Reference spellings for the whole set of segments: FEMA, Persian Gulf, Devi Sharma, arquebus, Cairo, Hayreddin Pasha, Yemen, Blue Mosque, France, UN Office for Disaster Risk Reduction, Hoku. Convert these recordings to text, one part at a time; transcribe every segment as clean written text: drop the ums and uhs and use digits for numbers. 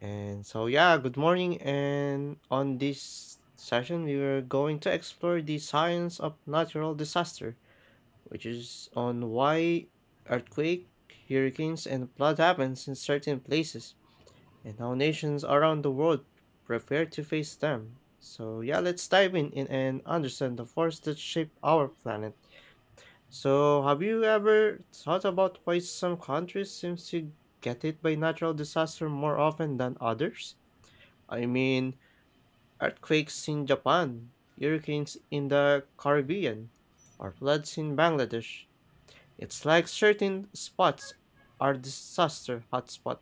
And so, yeah, good morning. And on this session, we were going to explore the science of natural disaster, which is on why earthquake, hurricanes, and flood happens in certain places, and how nations around the world prepare to face them. So, yeah, let's dive in and understand the force that shape our planet. So, have you ever thought about why some countries seem to get hit by natural disaster more often than others? I mean, earthquakes in Japan, hurricanes in the Caribbean, or floods in Bangladesh. It's like certain spots are disaster hotspot.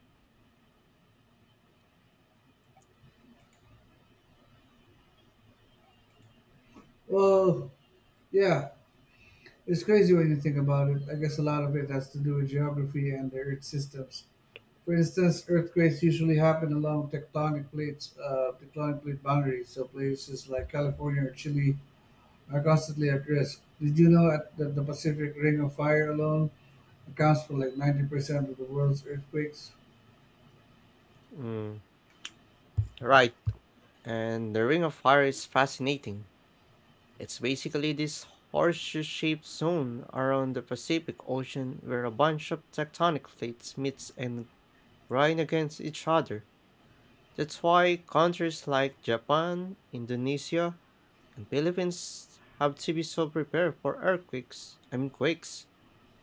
Well, yeah, it's crazy when you think about it. I guess a lot of it has to do with geography and their Earth systems. For instance, earthquakes usually happen along tectonic plate boundaries, so places like California or Chile are constantly at risk. Did you know at- that the Pacific Ring of Fire alone accounts for like 90% of the world's earthquakes? Mm, right. And the Ring of Fire is fascinating. It's basically this horseshoe-shaped zone around the Pacific Ocean where a bunch of tectonic plates meet and grind against each other. That's why countries like Japan, Indonesia, and Philippines have to be so prepared for earthquakes, I mean quakes.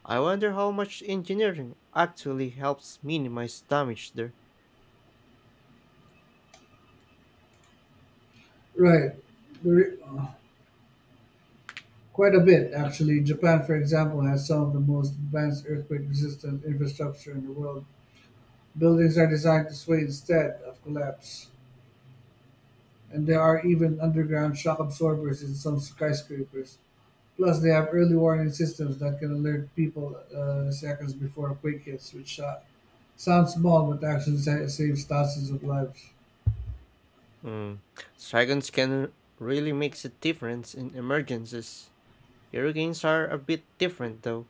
I wonder how much engineering actually helps minimize damage there. Right. The re- uh, Quite a bit, actually. Japan, for example, has some of the most advanced earthquake resistant infrastructure in the world. Buildings are designed to sway instead of collapse, and there are even underground shock absorbers in some skyscrapers. Plus, they have early warning systems that can alert people seconds before a quake hits, which sounds small but actually saves thousands of lives. Mm. Dragons can really make a difference in emergencies. Hurricanes are a bit different though.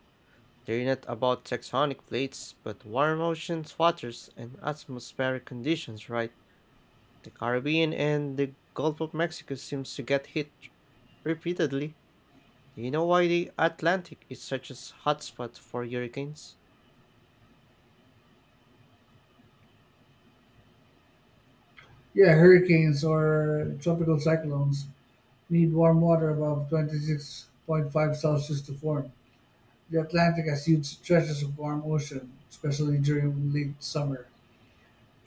They're not about tectonic plates, but warm oceans, waters, and atmospheric conditions, right? The Caribbean and the Gulf of Mexico seems to get hit repeatedly. Do you know why the Atlantic is such a hotspot for hurricanes? Yeah, hurricanes or tropical cyclones need warm water above 26.5 Celsius to form. The Atlantic has huge stretches of warm ocean, especially during late summer.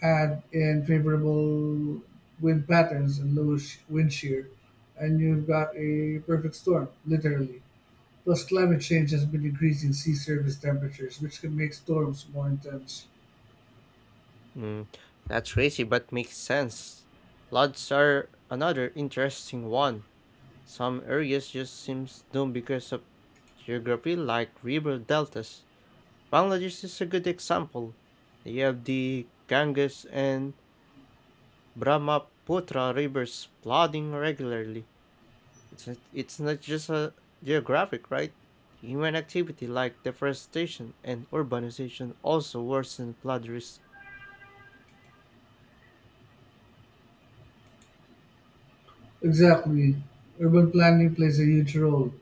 Add in favorable wind patterns and wind shear, and you've got a perfect storm, literally. Plus, climate change has been increasing sea surface temperatures, which can make storms more intense. Mm, that's crazy, but makes sense. Floods are another interesting one. Some areas just seems doomed because of geography, like river deltas. Bangladesh is a good example. They have the Ganges and Brahmaputra rivers flooding regularly. It's not just a geographic, right? Human activity like deforestation and urbanization also worsen flood risk. Exactly. Urban planning plays a huge role.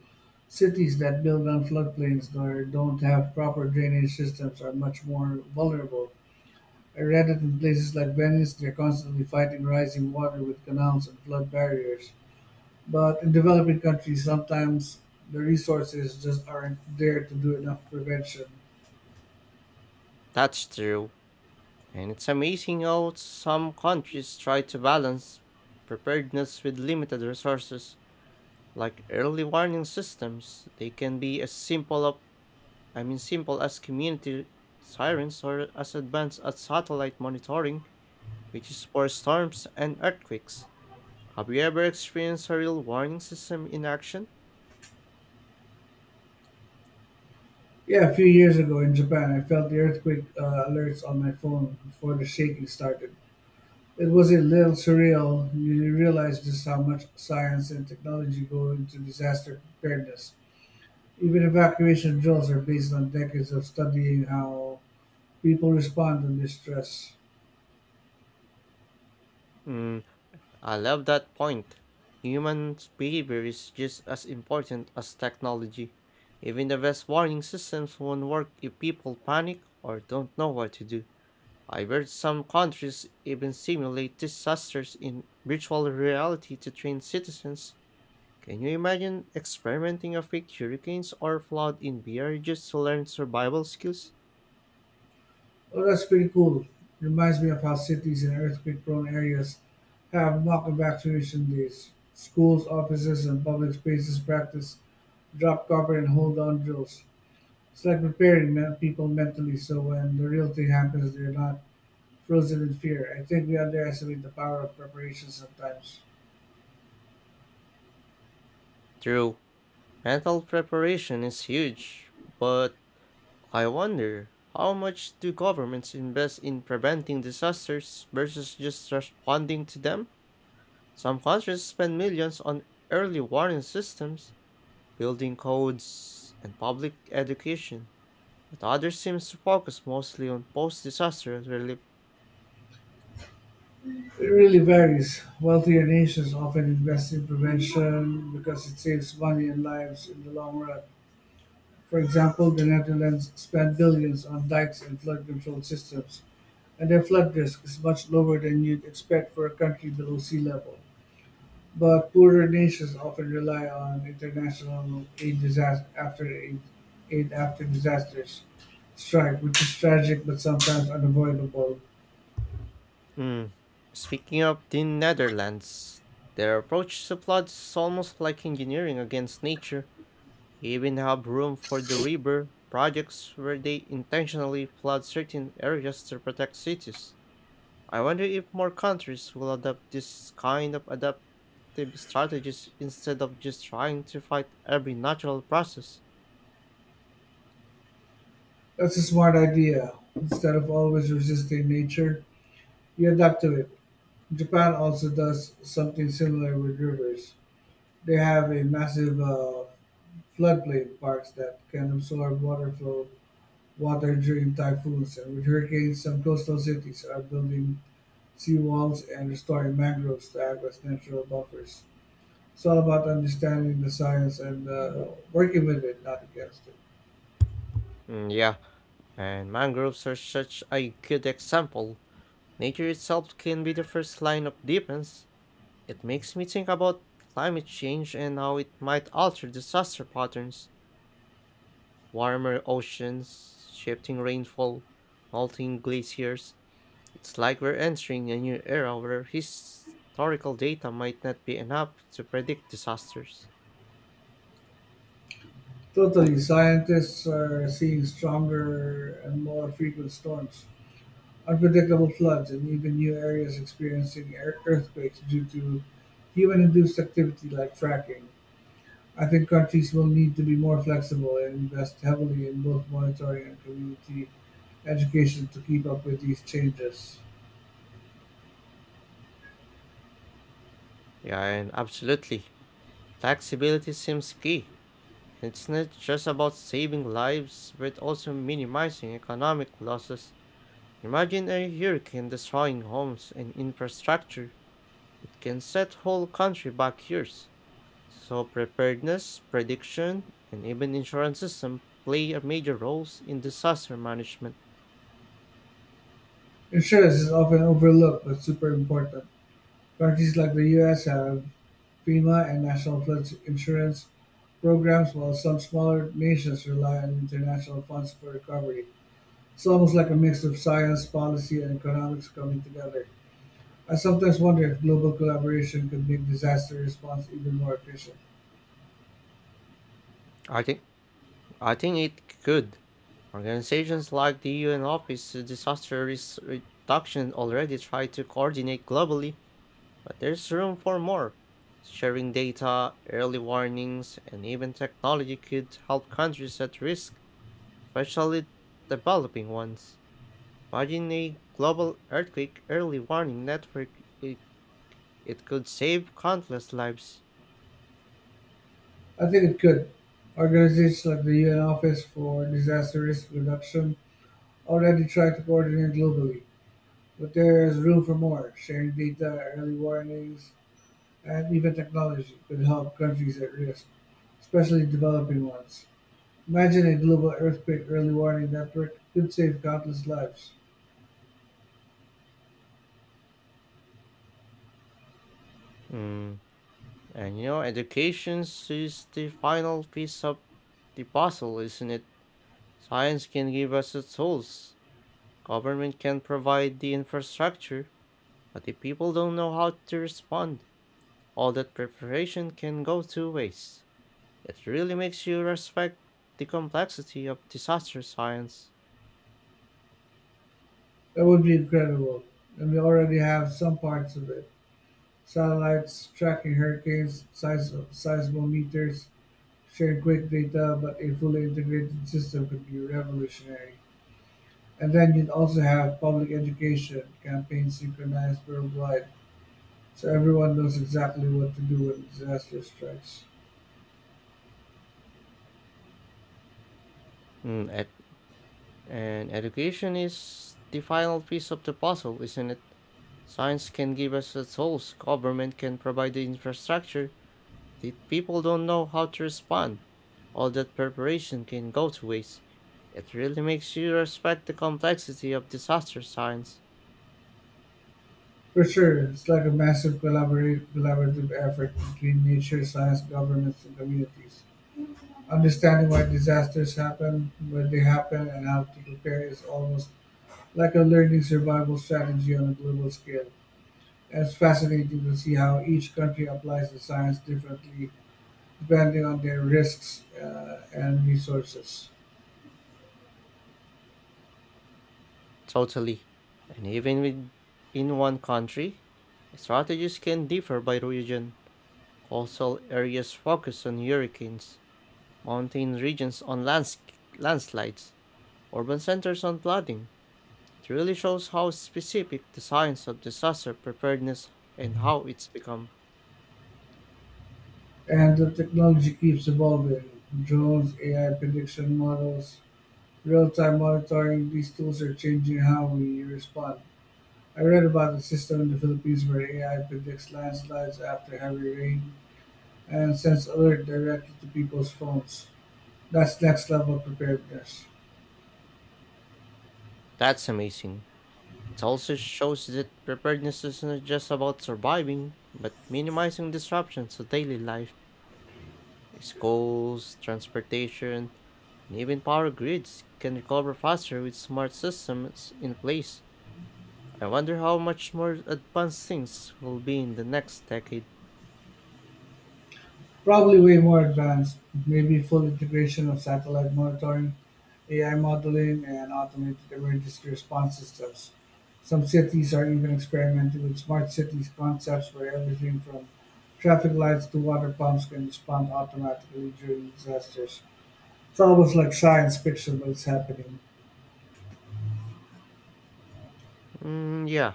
Cities that build on floodplains or don't have proper drainage systems are much more vulnerable. I read that in places like Venice, they're constantly fighting rising water with canals and flood barriers. But in developing countries, sometimes the resources just aren't there to do enough prevention. That's true. And it's amazing how some countries try to balance preparedness with limited resources. Like early warning systems, they can be as simple of, I mean simple as community sirens or as advanced as satellite monitoring, which is for storms and earthquakes. Have you ever experienced a real warning system in action? Yeah, a few years ago in Japan, I felt the earthquake alerts on my phone before the shaking started. It was a little surreal. You realize just how much science and technology go into disaster preparedness. Even evacuation drills are based on decades of studying how people respond to distress. Mm, I love that point. Human behavior is just as important as technology. Even the best warning systems won't work if people panic or don't know what to do. I've heard some countries even simulate disasters in virtual reality to train citizens. Can you imagine experimenting with fake hurricanes or flood in VR just to learn survival skills? Oh, that's pretty cool. Reminds me of how cities in earthquake prone areas have mock evacuation days. Schools, offices, and public spaces practice drop cover and hold on drills. It's like people mentally so when the real thing happens, they're not frozen in fear. I think we underestimate the power of preparation sometimes. True, mental preparation is huge, but I wonder how much do governments invest in preventing disasters versus just responding to them? Some countries spend millions on early warning systems, building codes, and public education but others seems to focus mostly on post-disaster relief. It really varies. Wealthier nations often invest in prevention because it saves money and lives in the long run. For example, the Netherlands spent billions on dikes and flood control systems, and their flood risk is much lower than you'd expect for a country below sea level. But poorer nations often rely on international aid disaster after aid, aid after disasters strike, which is tragic but sometimes unavoidable. Mm. Speaking of the Netherlands, their approach to floods is almost like engineering against nature. They even have room for the river projects where they intentionally flood certain areas to protect cities. I wonder if more countries will adopt this kind of adaptive strategies instead of just trying to fight every natural process. That's a smart idea. Instead of always resisting nature, you adapt to it. Japan also does something similar with rivers. They have a massive floodplain parks that can absorb water during typhoons, and with hurricanes some coastal cities are building seawalls and restoring mangroves to act as natural buffers. It's all about understanding the science and working with it, not against it. Mm, yeah, and mangroves are such a good example. Nature itself can be the first line of defense. It makes me think about climate change and how it might alter disaster patterns. Warmer oceans, shifting rainfall, melting glaciers. It's like we're entering a new era where historical data might not be enough to predict disasters. Totally, scientists are seeing stronger and more frequent storms, unpredictable floods, and even new areas earthquakes due to human induced activity like fracking. I think countries will need to be more flexible and invest heavily in both monetary and community education to keep up with these changes. Yeah, and absolutely. Flexibility seems key. It's not just about saving lives, but also minimizing economic losses. Imagine a hurricane destroying homes and infrastructure. It can set whole country back years. So preparedness, prediction, and even insurance system play a major roles in disaster management. Insurance is often overlooked but super important. Countries like the US have FEMA and national flood insurance programs, while some smaller nations rely on international funds for recovery. It's almost like a mix of science, policy, and economics coming together. I sometimes wonder if global collaboration could make disaster response even more efficient. I think I think it could. Organizations like the UN Office of Disaster Risk Reduction already try to coordinate globally, but there's room for more. Sharing data, early warnings, and even technology could help countries at risk especially developing ones. Imagine a global earthquake early warning network. It could save countless lives. I think it could. Organizations like the UN Office for Disaster Risk Reduction already try to coordinate globally, but there is room for more. Sharing data, early warnings, and even technology could help countries at risk, especially developing ones. Imagine a global earthquake early warning network could save countless lives. Mm. And you know, education is the final piece of the puzzle, isn't it? Science can give us the tools, government can provide the infrastructure, but if people don't know how to respond, all that preparation can go to waste. It really makes you respect the complexity of disaster science. That would be incredible, and we already have some parts of it. Satellites tracking hurricanes, seismometers, share quick data, but a fully integrated system could be revolutionary. And then you'd also have public education campaigns synchronized worldwide so everyone knows exactly what to do when disaster strikes. Mm, ed- and education is the final piece of the puzzle, isn't it? Science can give us the tools, government can provide the infrastructure, but if people don't know how to respond, all that preparation can go to waste. It really makes you respect the complexity of disaster science. For sure, it's like a massive collaborative effort between nature, science, governments, and communities. Understanding why disasters happen, when they happen, and how to prepare is almost like a learning survival strategy on a global scale. It's fascinating to see how each country applies the science differently depending on their risks and resources. Totally. And even with, in one country, strategies can differ by region. Coastal areas focus on hurricanes, mountain regions on landslides, urban centers on flooding. It really shows how specific the science of disaster preparedness and how it's become. And the technology keeps evolving. Drones, AI prediction models, real time monitoring, these tools are changing how we respond. I read about a system in the Philippines where AI predicts landslides after heavy rain and sends alert directly to people's phones. That's next level preparedness. That's amazing. It also shows that preparedness isn't just about surviving, but minimizing disruptions to daily life. Schools, transportation, and even power grids can recover faster with smart systems in place. I wonder how much more advanced things will be in the next decade. Probably way more advanced, maybe full integration of satellite monitoring, AI modeling, and automated emergency response systems. Some cities are even experimenting with smart cities concepts where everything from traffic lights to water pumps can respond automatically during disasters. It's almost like science fiction, but it's happening. Mm, yeah,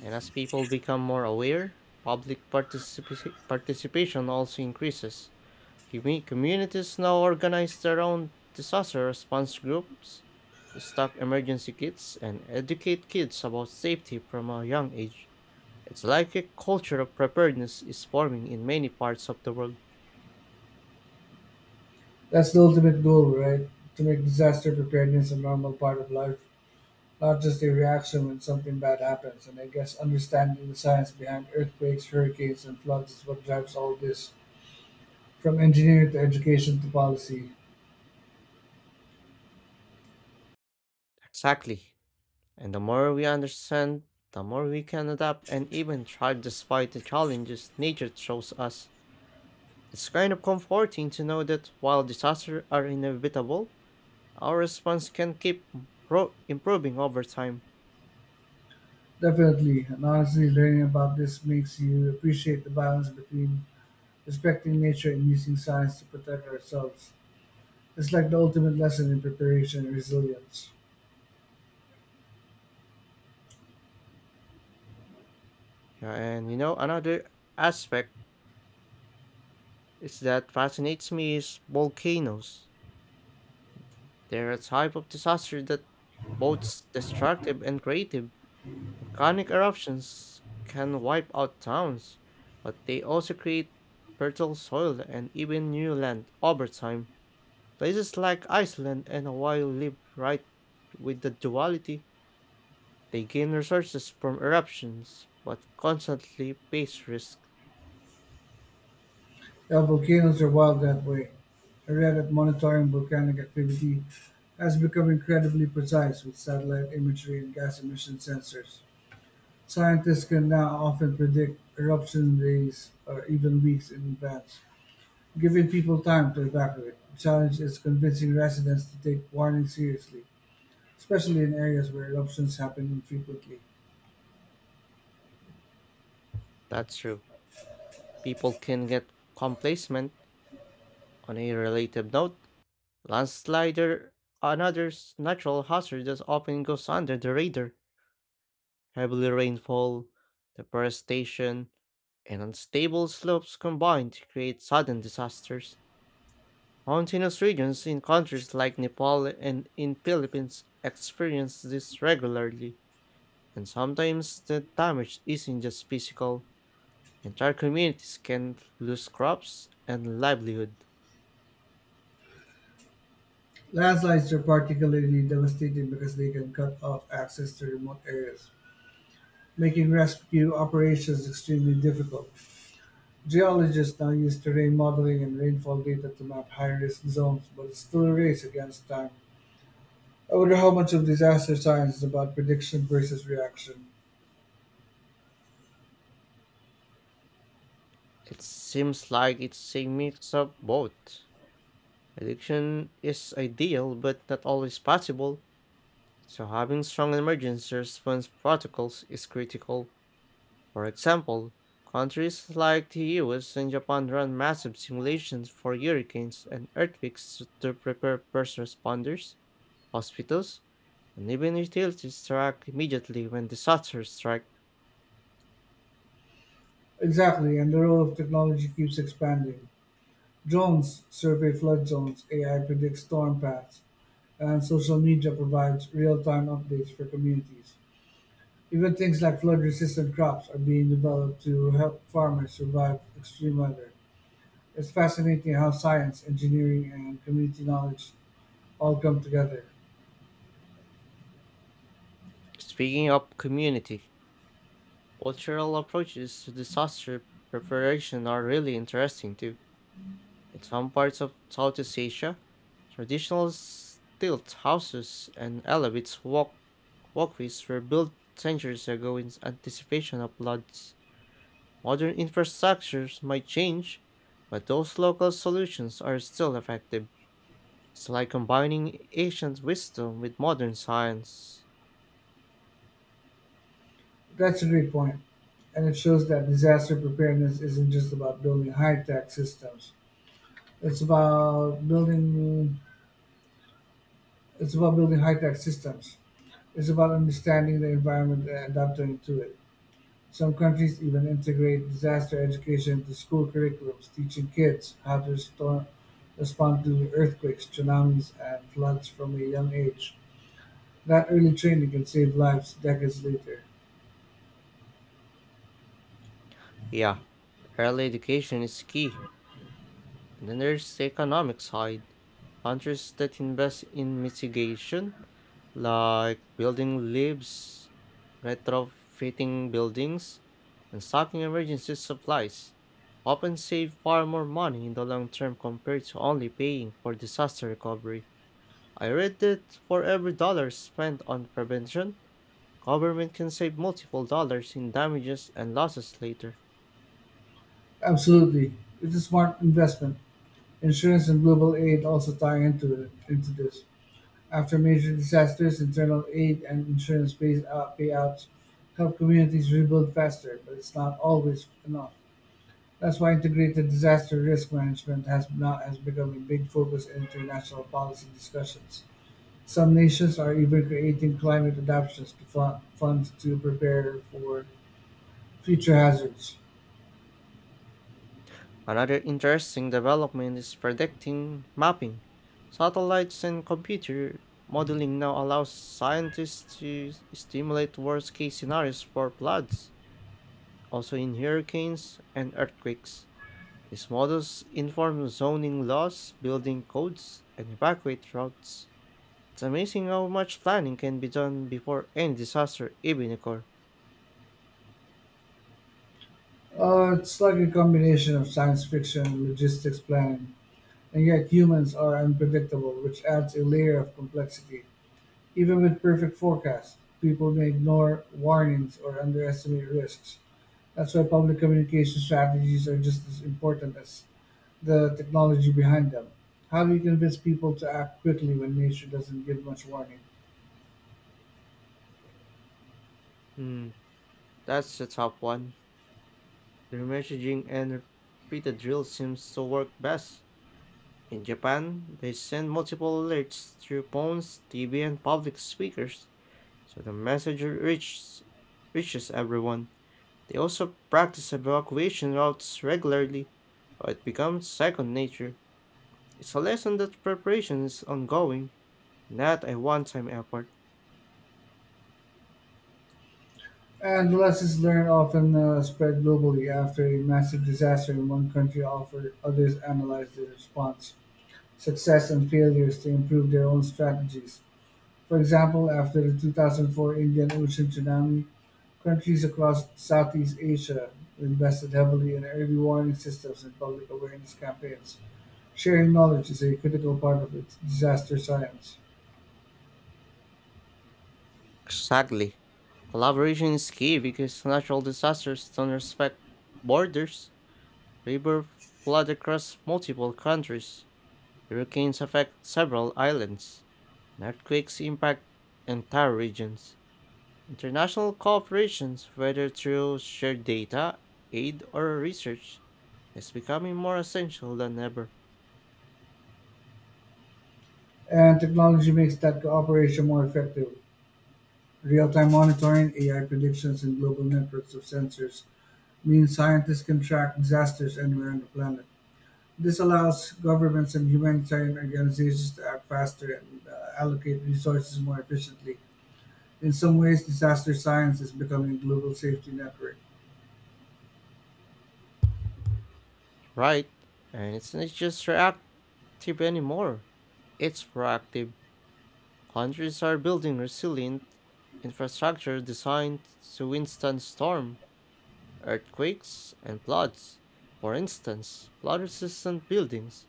and as people become more aware, public participation also increases. Communities now organize their own disaster response groups, stock emergency kits, and educate kids about safety from a young age. It's like a culture of preparedness is forming in many parts of the world. That's the ultimate goal, right? To make disaster preparedness a normal part of life, not just a reaction when something bad happens, and I guess understanding the science behind earthquakes, hurricanes, and floods is what drives all this, from engineering to education to policy. Exactly. And the more we understand, the more we can adapt and even thrive despite the challenges nature throws us. It's kind of comforting to know that while disasters are inevitable, our response can keep improving over time. Definitely, and honestly, learning about this makes you appreciate the balance between respecting nature and using science to protect ourselves. It's like the ultimate lesson in preparation and resilience. Yeah, and you know, another aspect is that fascinates me is volcanoes. They're a type of disaster that both destructive and creative. Volcanic eruptions can wipe out towns, but they also create fertile soil and even new land over time. Places like Iceland and Hawaii live right with the duality. They gain resources from eruptions, but constantly face risk. Yeah, volcanoes are wild that way. I read that monitoring volcanic activity has become incredibly precise with satellite imagery and gas emission sensors. Scientists can now often predict eruption days or even weeks in advance, giving people time to evacuate. The challenge is convincing residents to take warnings seriously, especially in areas where eruptions happen infrequently. That's true. People can get complacent. On a related note, landslider, another natural hazard that often goes under the radar, heavily rainfall, deforestation, and unstable slopes combine to create sudden disasters. Mountainous regions in countries like Nepal and in Philippines experience this regularly, and sometimes the damage isn't just physical. Entire communities can lose crops and livelihood. Landslides are particularly devastating because they can cut off access to remote areas, making rescue operations extremely difficult. Geologists now use terrain modeling and rainfall data to map high risk zones, but it's still a race against time. I wonder how much of disaster science is about prediction versus reaction. It seems like it's a mix of both. Addiction is ideal but not always possible, so having strong emergency response protocols is critical. For example, countries like the US and Japan run massive simulations for hurricanes and earthquakes to prepare first responders, hospitals, and even utilities to act immediately when disasters strike. Exactly, and the role of technology keeps expanding. Drones survey flood zones, AI predicts storm paths, and social media provides real time updates for communities. Even things like flood resistant crops are being developed to help farmers survive extreme weather. It's fascinating how science, engineering, and community knowledge all come together. Speaking of community, cultural approaches to disaster preparation are really interesting too. In some parts of Southeast Asia, traditional stilt houses and elevates walkways were built centuries ago in anticipation of floods. Modern infrastructures might change, but those local solutions are still effective. It's like combining ancient wisdom with modern science. That's a great point, and it shows that disaster preparedness isn't just about building high-tech systems. It's about building. It's about building high-tech systems. It's about understanding the environment and adapting to it. Some countries even integrate disaster education into school curriculums, teaching kids how to respond to earthquakes, tsunamis, and floods from a young age. That early training can save lives decades later. Yeah, early education is key. And then there's the economic side. Countries that invest in mitigation like building leaves, retrofitting buildings, and stocking emergency supplies, often save far more money in the long term compared to only paying for disaster recovery. I read that for every dollar spent on prevention, government can save multiple dollars in damages and losses later. Absolutely, it's a smart investment. Insurance and global aid also tie into this. After major disasters, internal aid and payouts help communities rebuild faster, but it's not always enough. That's why integrated disaster risk management has not has become a big focus in international policy discussions. Some nations are even creating climate adaptations to funds to prepare for future hazards. Another interesting development is predicting mapping. Satellites and computer modeling now allows scientists to stimulate worst-case scenarios for floods, also in hurricanes and earthquakes. These models inform zoning laws, building codes, and evacuate routes. It's amazing how much planning can be done before any disaster even occurs. It's like a combination of science fiction and logistics planning. And yet humans are unpredictable, which adds a layer of complexity. Even with perfect forecasts, people may ignore warnings or underestimate risks. That's why public communication strategies are just as important as the technology behind them. How do you convince people to act quickly when nature doesn't give much warning? Hmm, that's the top one. The messaging and repeated drill seems to work best. In Japan, they send multiple alerts through phones, TV, and public speakers, so the reaches everyone. They also practice evacuation routes regularly, so it becomes second nature. It's a lesson that preparation is ongoing, not a one time effort. And the lessons learned often spread globally after a massive disaster in one country offered others analyze their response, success and failures to improve their own strategies. For example, after the 2004 Indian Ocean tsunami, countries across Southeast Asia invested heavily in early warning systems and public awareness campaigns. Sharing knowledge is a critical part of its disaster science, Exactly. Collaboration is key because natural disasters don't respect borders. Rivers flood across multiple countries. Hurricanes affect several islands. And earthquakes impact entire regions. International cooperation, whether through shared data, aid, or research, is becoming more essential than ever. and technology makes that cooperation more effective. Real time monitoring, AI predictions, and global networks of sensors mean scientists can track disasters anywhere on the planet. This allows governments and humanitarian organizations to act faster and allocate resources more efficiently. In some ways, disaster science is becoming a global safety network, Right, and it's not just reactive anymore, it's proactive. Countries are building resilient infrastructure designed to withstand storm, earthquakes, and floods. For instance, flood resistant buildings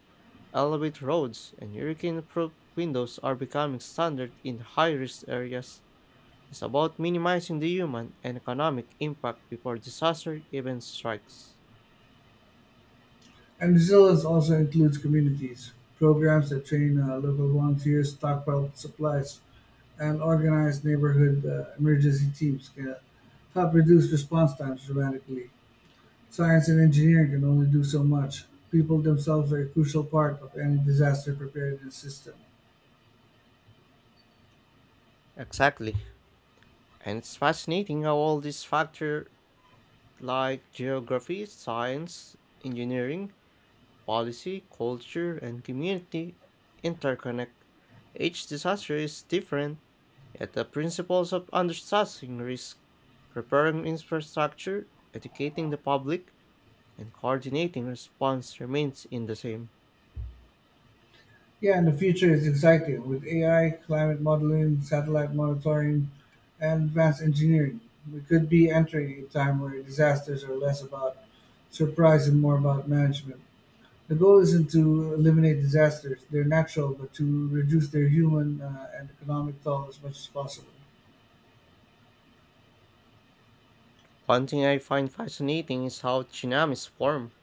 elevate roads and hurricane-proof windows are becoming standard in high-risk areas. It's about minimizing the human and economic impact before disaster even strikes. and resilience also includes communities, programs that train local volunteers, stockpile supplies, and organize neighborhood emergency teams can help reduce response times dramatically. Science and engineering can only do so much. People themselves are a crucial part of any disaster preparedness system. Exactly. And it's fascinating how all these factors like geography, science, engineering, policy, culture, and community interconnect. Each disaster is different, yet the principles of understanding risk, preparing infrastructure, educating the public, and coordinating response remains in the same. Yeah, and the future is exciting with AI, climate modeling, satellite monitoring, and advanced engineering. We could be entering a time where disasters are less about surprise and more about management. The goal isn't to eliminate disasters, they're natural, but to reduce their human and economic toll as much as possible. One thing I find fascinating is how tsunamis form.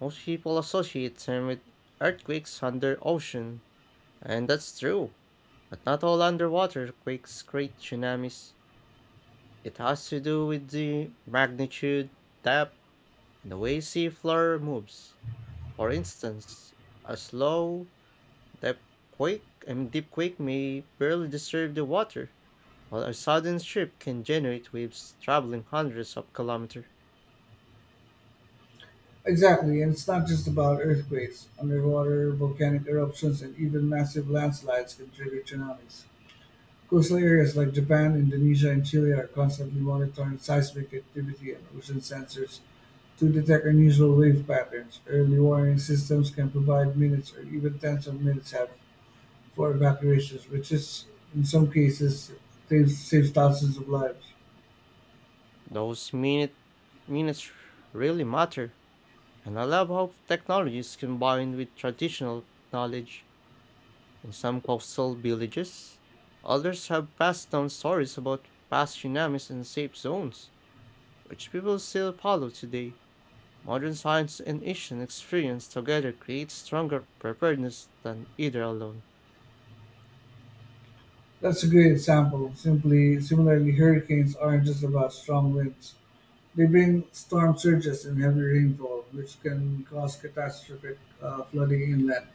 Most people associate them with earthquakes under ocean, and that's true. But not all underwater quakes create tsunamis. It has to do with the magnitude, depth, and the way seafloor moves. For instance, a slow, deep deep quake may barely disturb the water, while a sudden shift can generate waves traveling hundreds of kilometers. Exactly, and it's not just about earthquakes. Underwater, volcanic eruptions, and even massive landslides can trigger tsunamis. Coastal areas like Japan, Indonesia, and Chile are constantly monitoring seismic activity and ocean sensors to detect unusual wave patterns. Early warning systems can provide minutes or even tens of minutes out for evacuations, which is, in some cases, saves thousands of lives. Those minutes really matter, and I love how technology is combined with traditional knowledge. In some coastal villages, elders have passed down stories about past tsunamis and safe zones, which people still follow today. Modern science and Asian experience together create stronger preparedness than either alone. That's a great example. Similarly, hurricanes aren't just about strong winds. They bring storm surges and heavy rainfall, which can cause catastrophic flooding inland.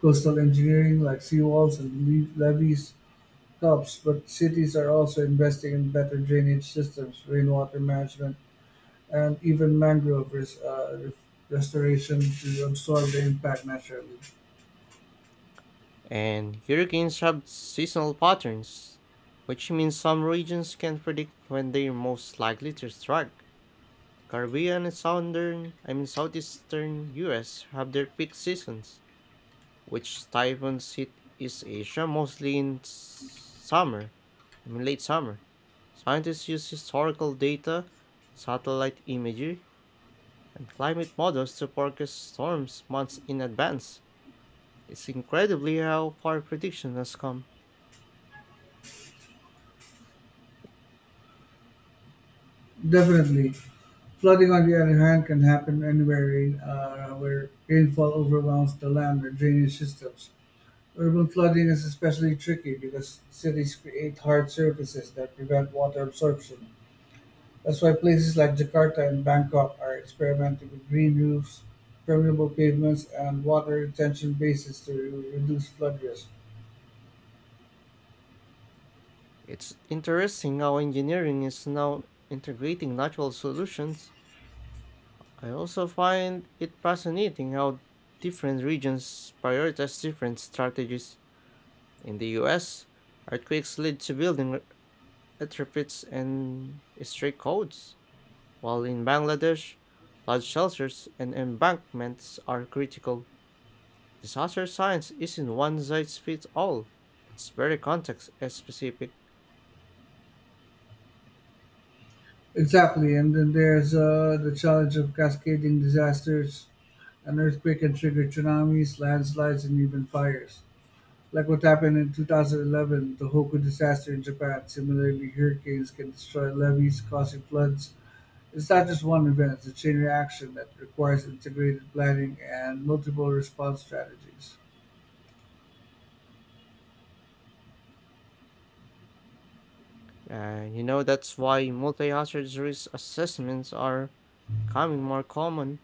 Coastal engineering like seawalls and levees helps, but cities are also investing in better drainage systems, rainwater management, and even restoration to absorb the impact naturally. And hurricanes have seasonal patterns, which means some regions can predict when they're most likely to strike. The Caribbean and southern, I mean southeastern US have their peak seasons which typhoons hit East Asia mostly in s- summer, I mean late summer. Scientists use historical data, satellite imagery, and climate models to forecast storms months in advance. It's incredibly how far prediction has come. Definitely. Flooding, on the other hand, can happen where rainfall overwhelms the land or drainage systems. Urban flooding is especially tricky because cities create hard surfaces that prevent water absorption. That's why places like Jakarta and Bangkok are experimenting with green roofs, permeable pavements, and water retention basins to reduce flood risk. It's interesting how engineering is now integrating natural solutions. I also find it fascinating how different regions prioritize different strategies. In the US, earthquakes lead to building retrofits and strict codes, while in Bangladesh, flood shelters and embankments are critical. Disaster science isn't one size fits all. It's very context specific. Exactly, and then there's the challenge of cascading disasters. An earthquake can trigger tsunamis, landslides, and even fires. Like what happened in 2011, the Hoku disaster in Japan. Similarly, hurricanes can destroy levees, causing floods. It's not just one event, it's a chain reaction that requires integrated planning and multiple response strategies. You know, that's why multi-hazard risk assessments are becoming more common.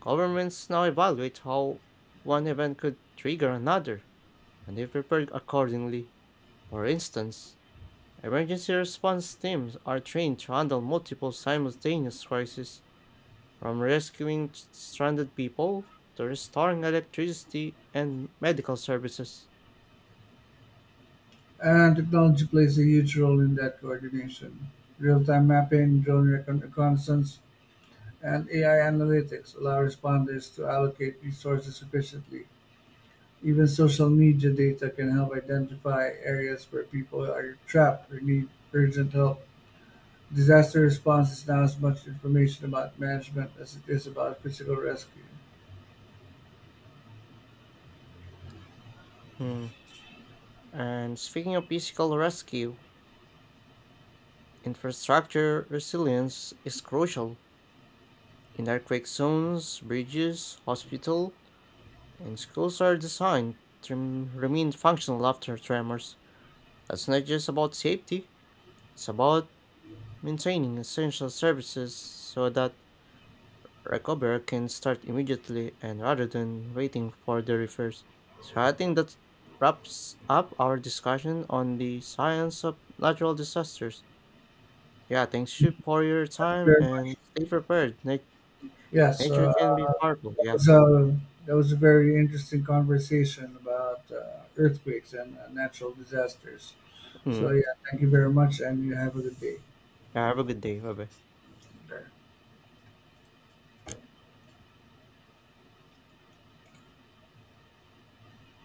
Governments now evaluate how one event could trigger another, and they prepare accordingly. For instance, emergency response teams are trained to handle multiple simultaneous crises, from rescuing stranded people to restoring electricity and medical services. And technology plays a huge role in that coordination. Real time mapping, reconnaissance, and AI analytics allow responders to allocate resources efficiently. Even social media data can help identify areas where people are trapped or need urgent help. Disaster response is now as much information about management as it is about physical rescue. Hmm, and speaking of physical rescue, infrastructure resilience is crucial. In earthquake zones, bridges, hospital, and schools are designed to remain functional after tremors. That's not just about safety, it's about maintaining essential services so that recover can start immediately and rather than waiting for the reverse. So I think that wraps up our discussion on the science of natural disasters. Yeah, thanks you for your time Very and much. stay prepared. Yes, Nature uh, can be powerful. Yeah. So that was a very interesting conversation about earthquakes and natural disasters. So Mm. yeah, thank you very much, and you have a good day. Yeah, have a good day. Bye bye.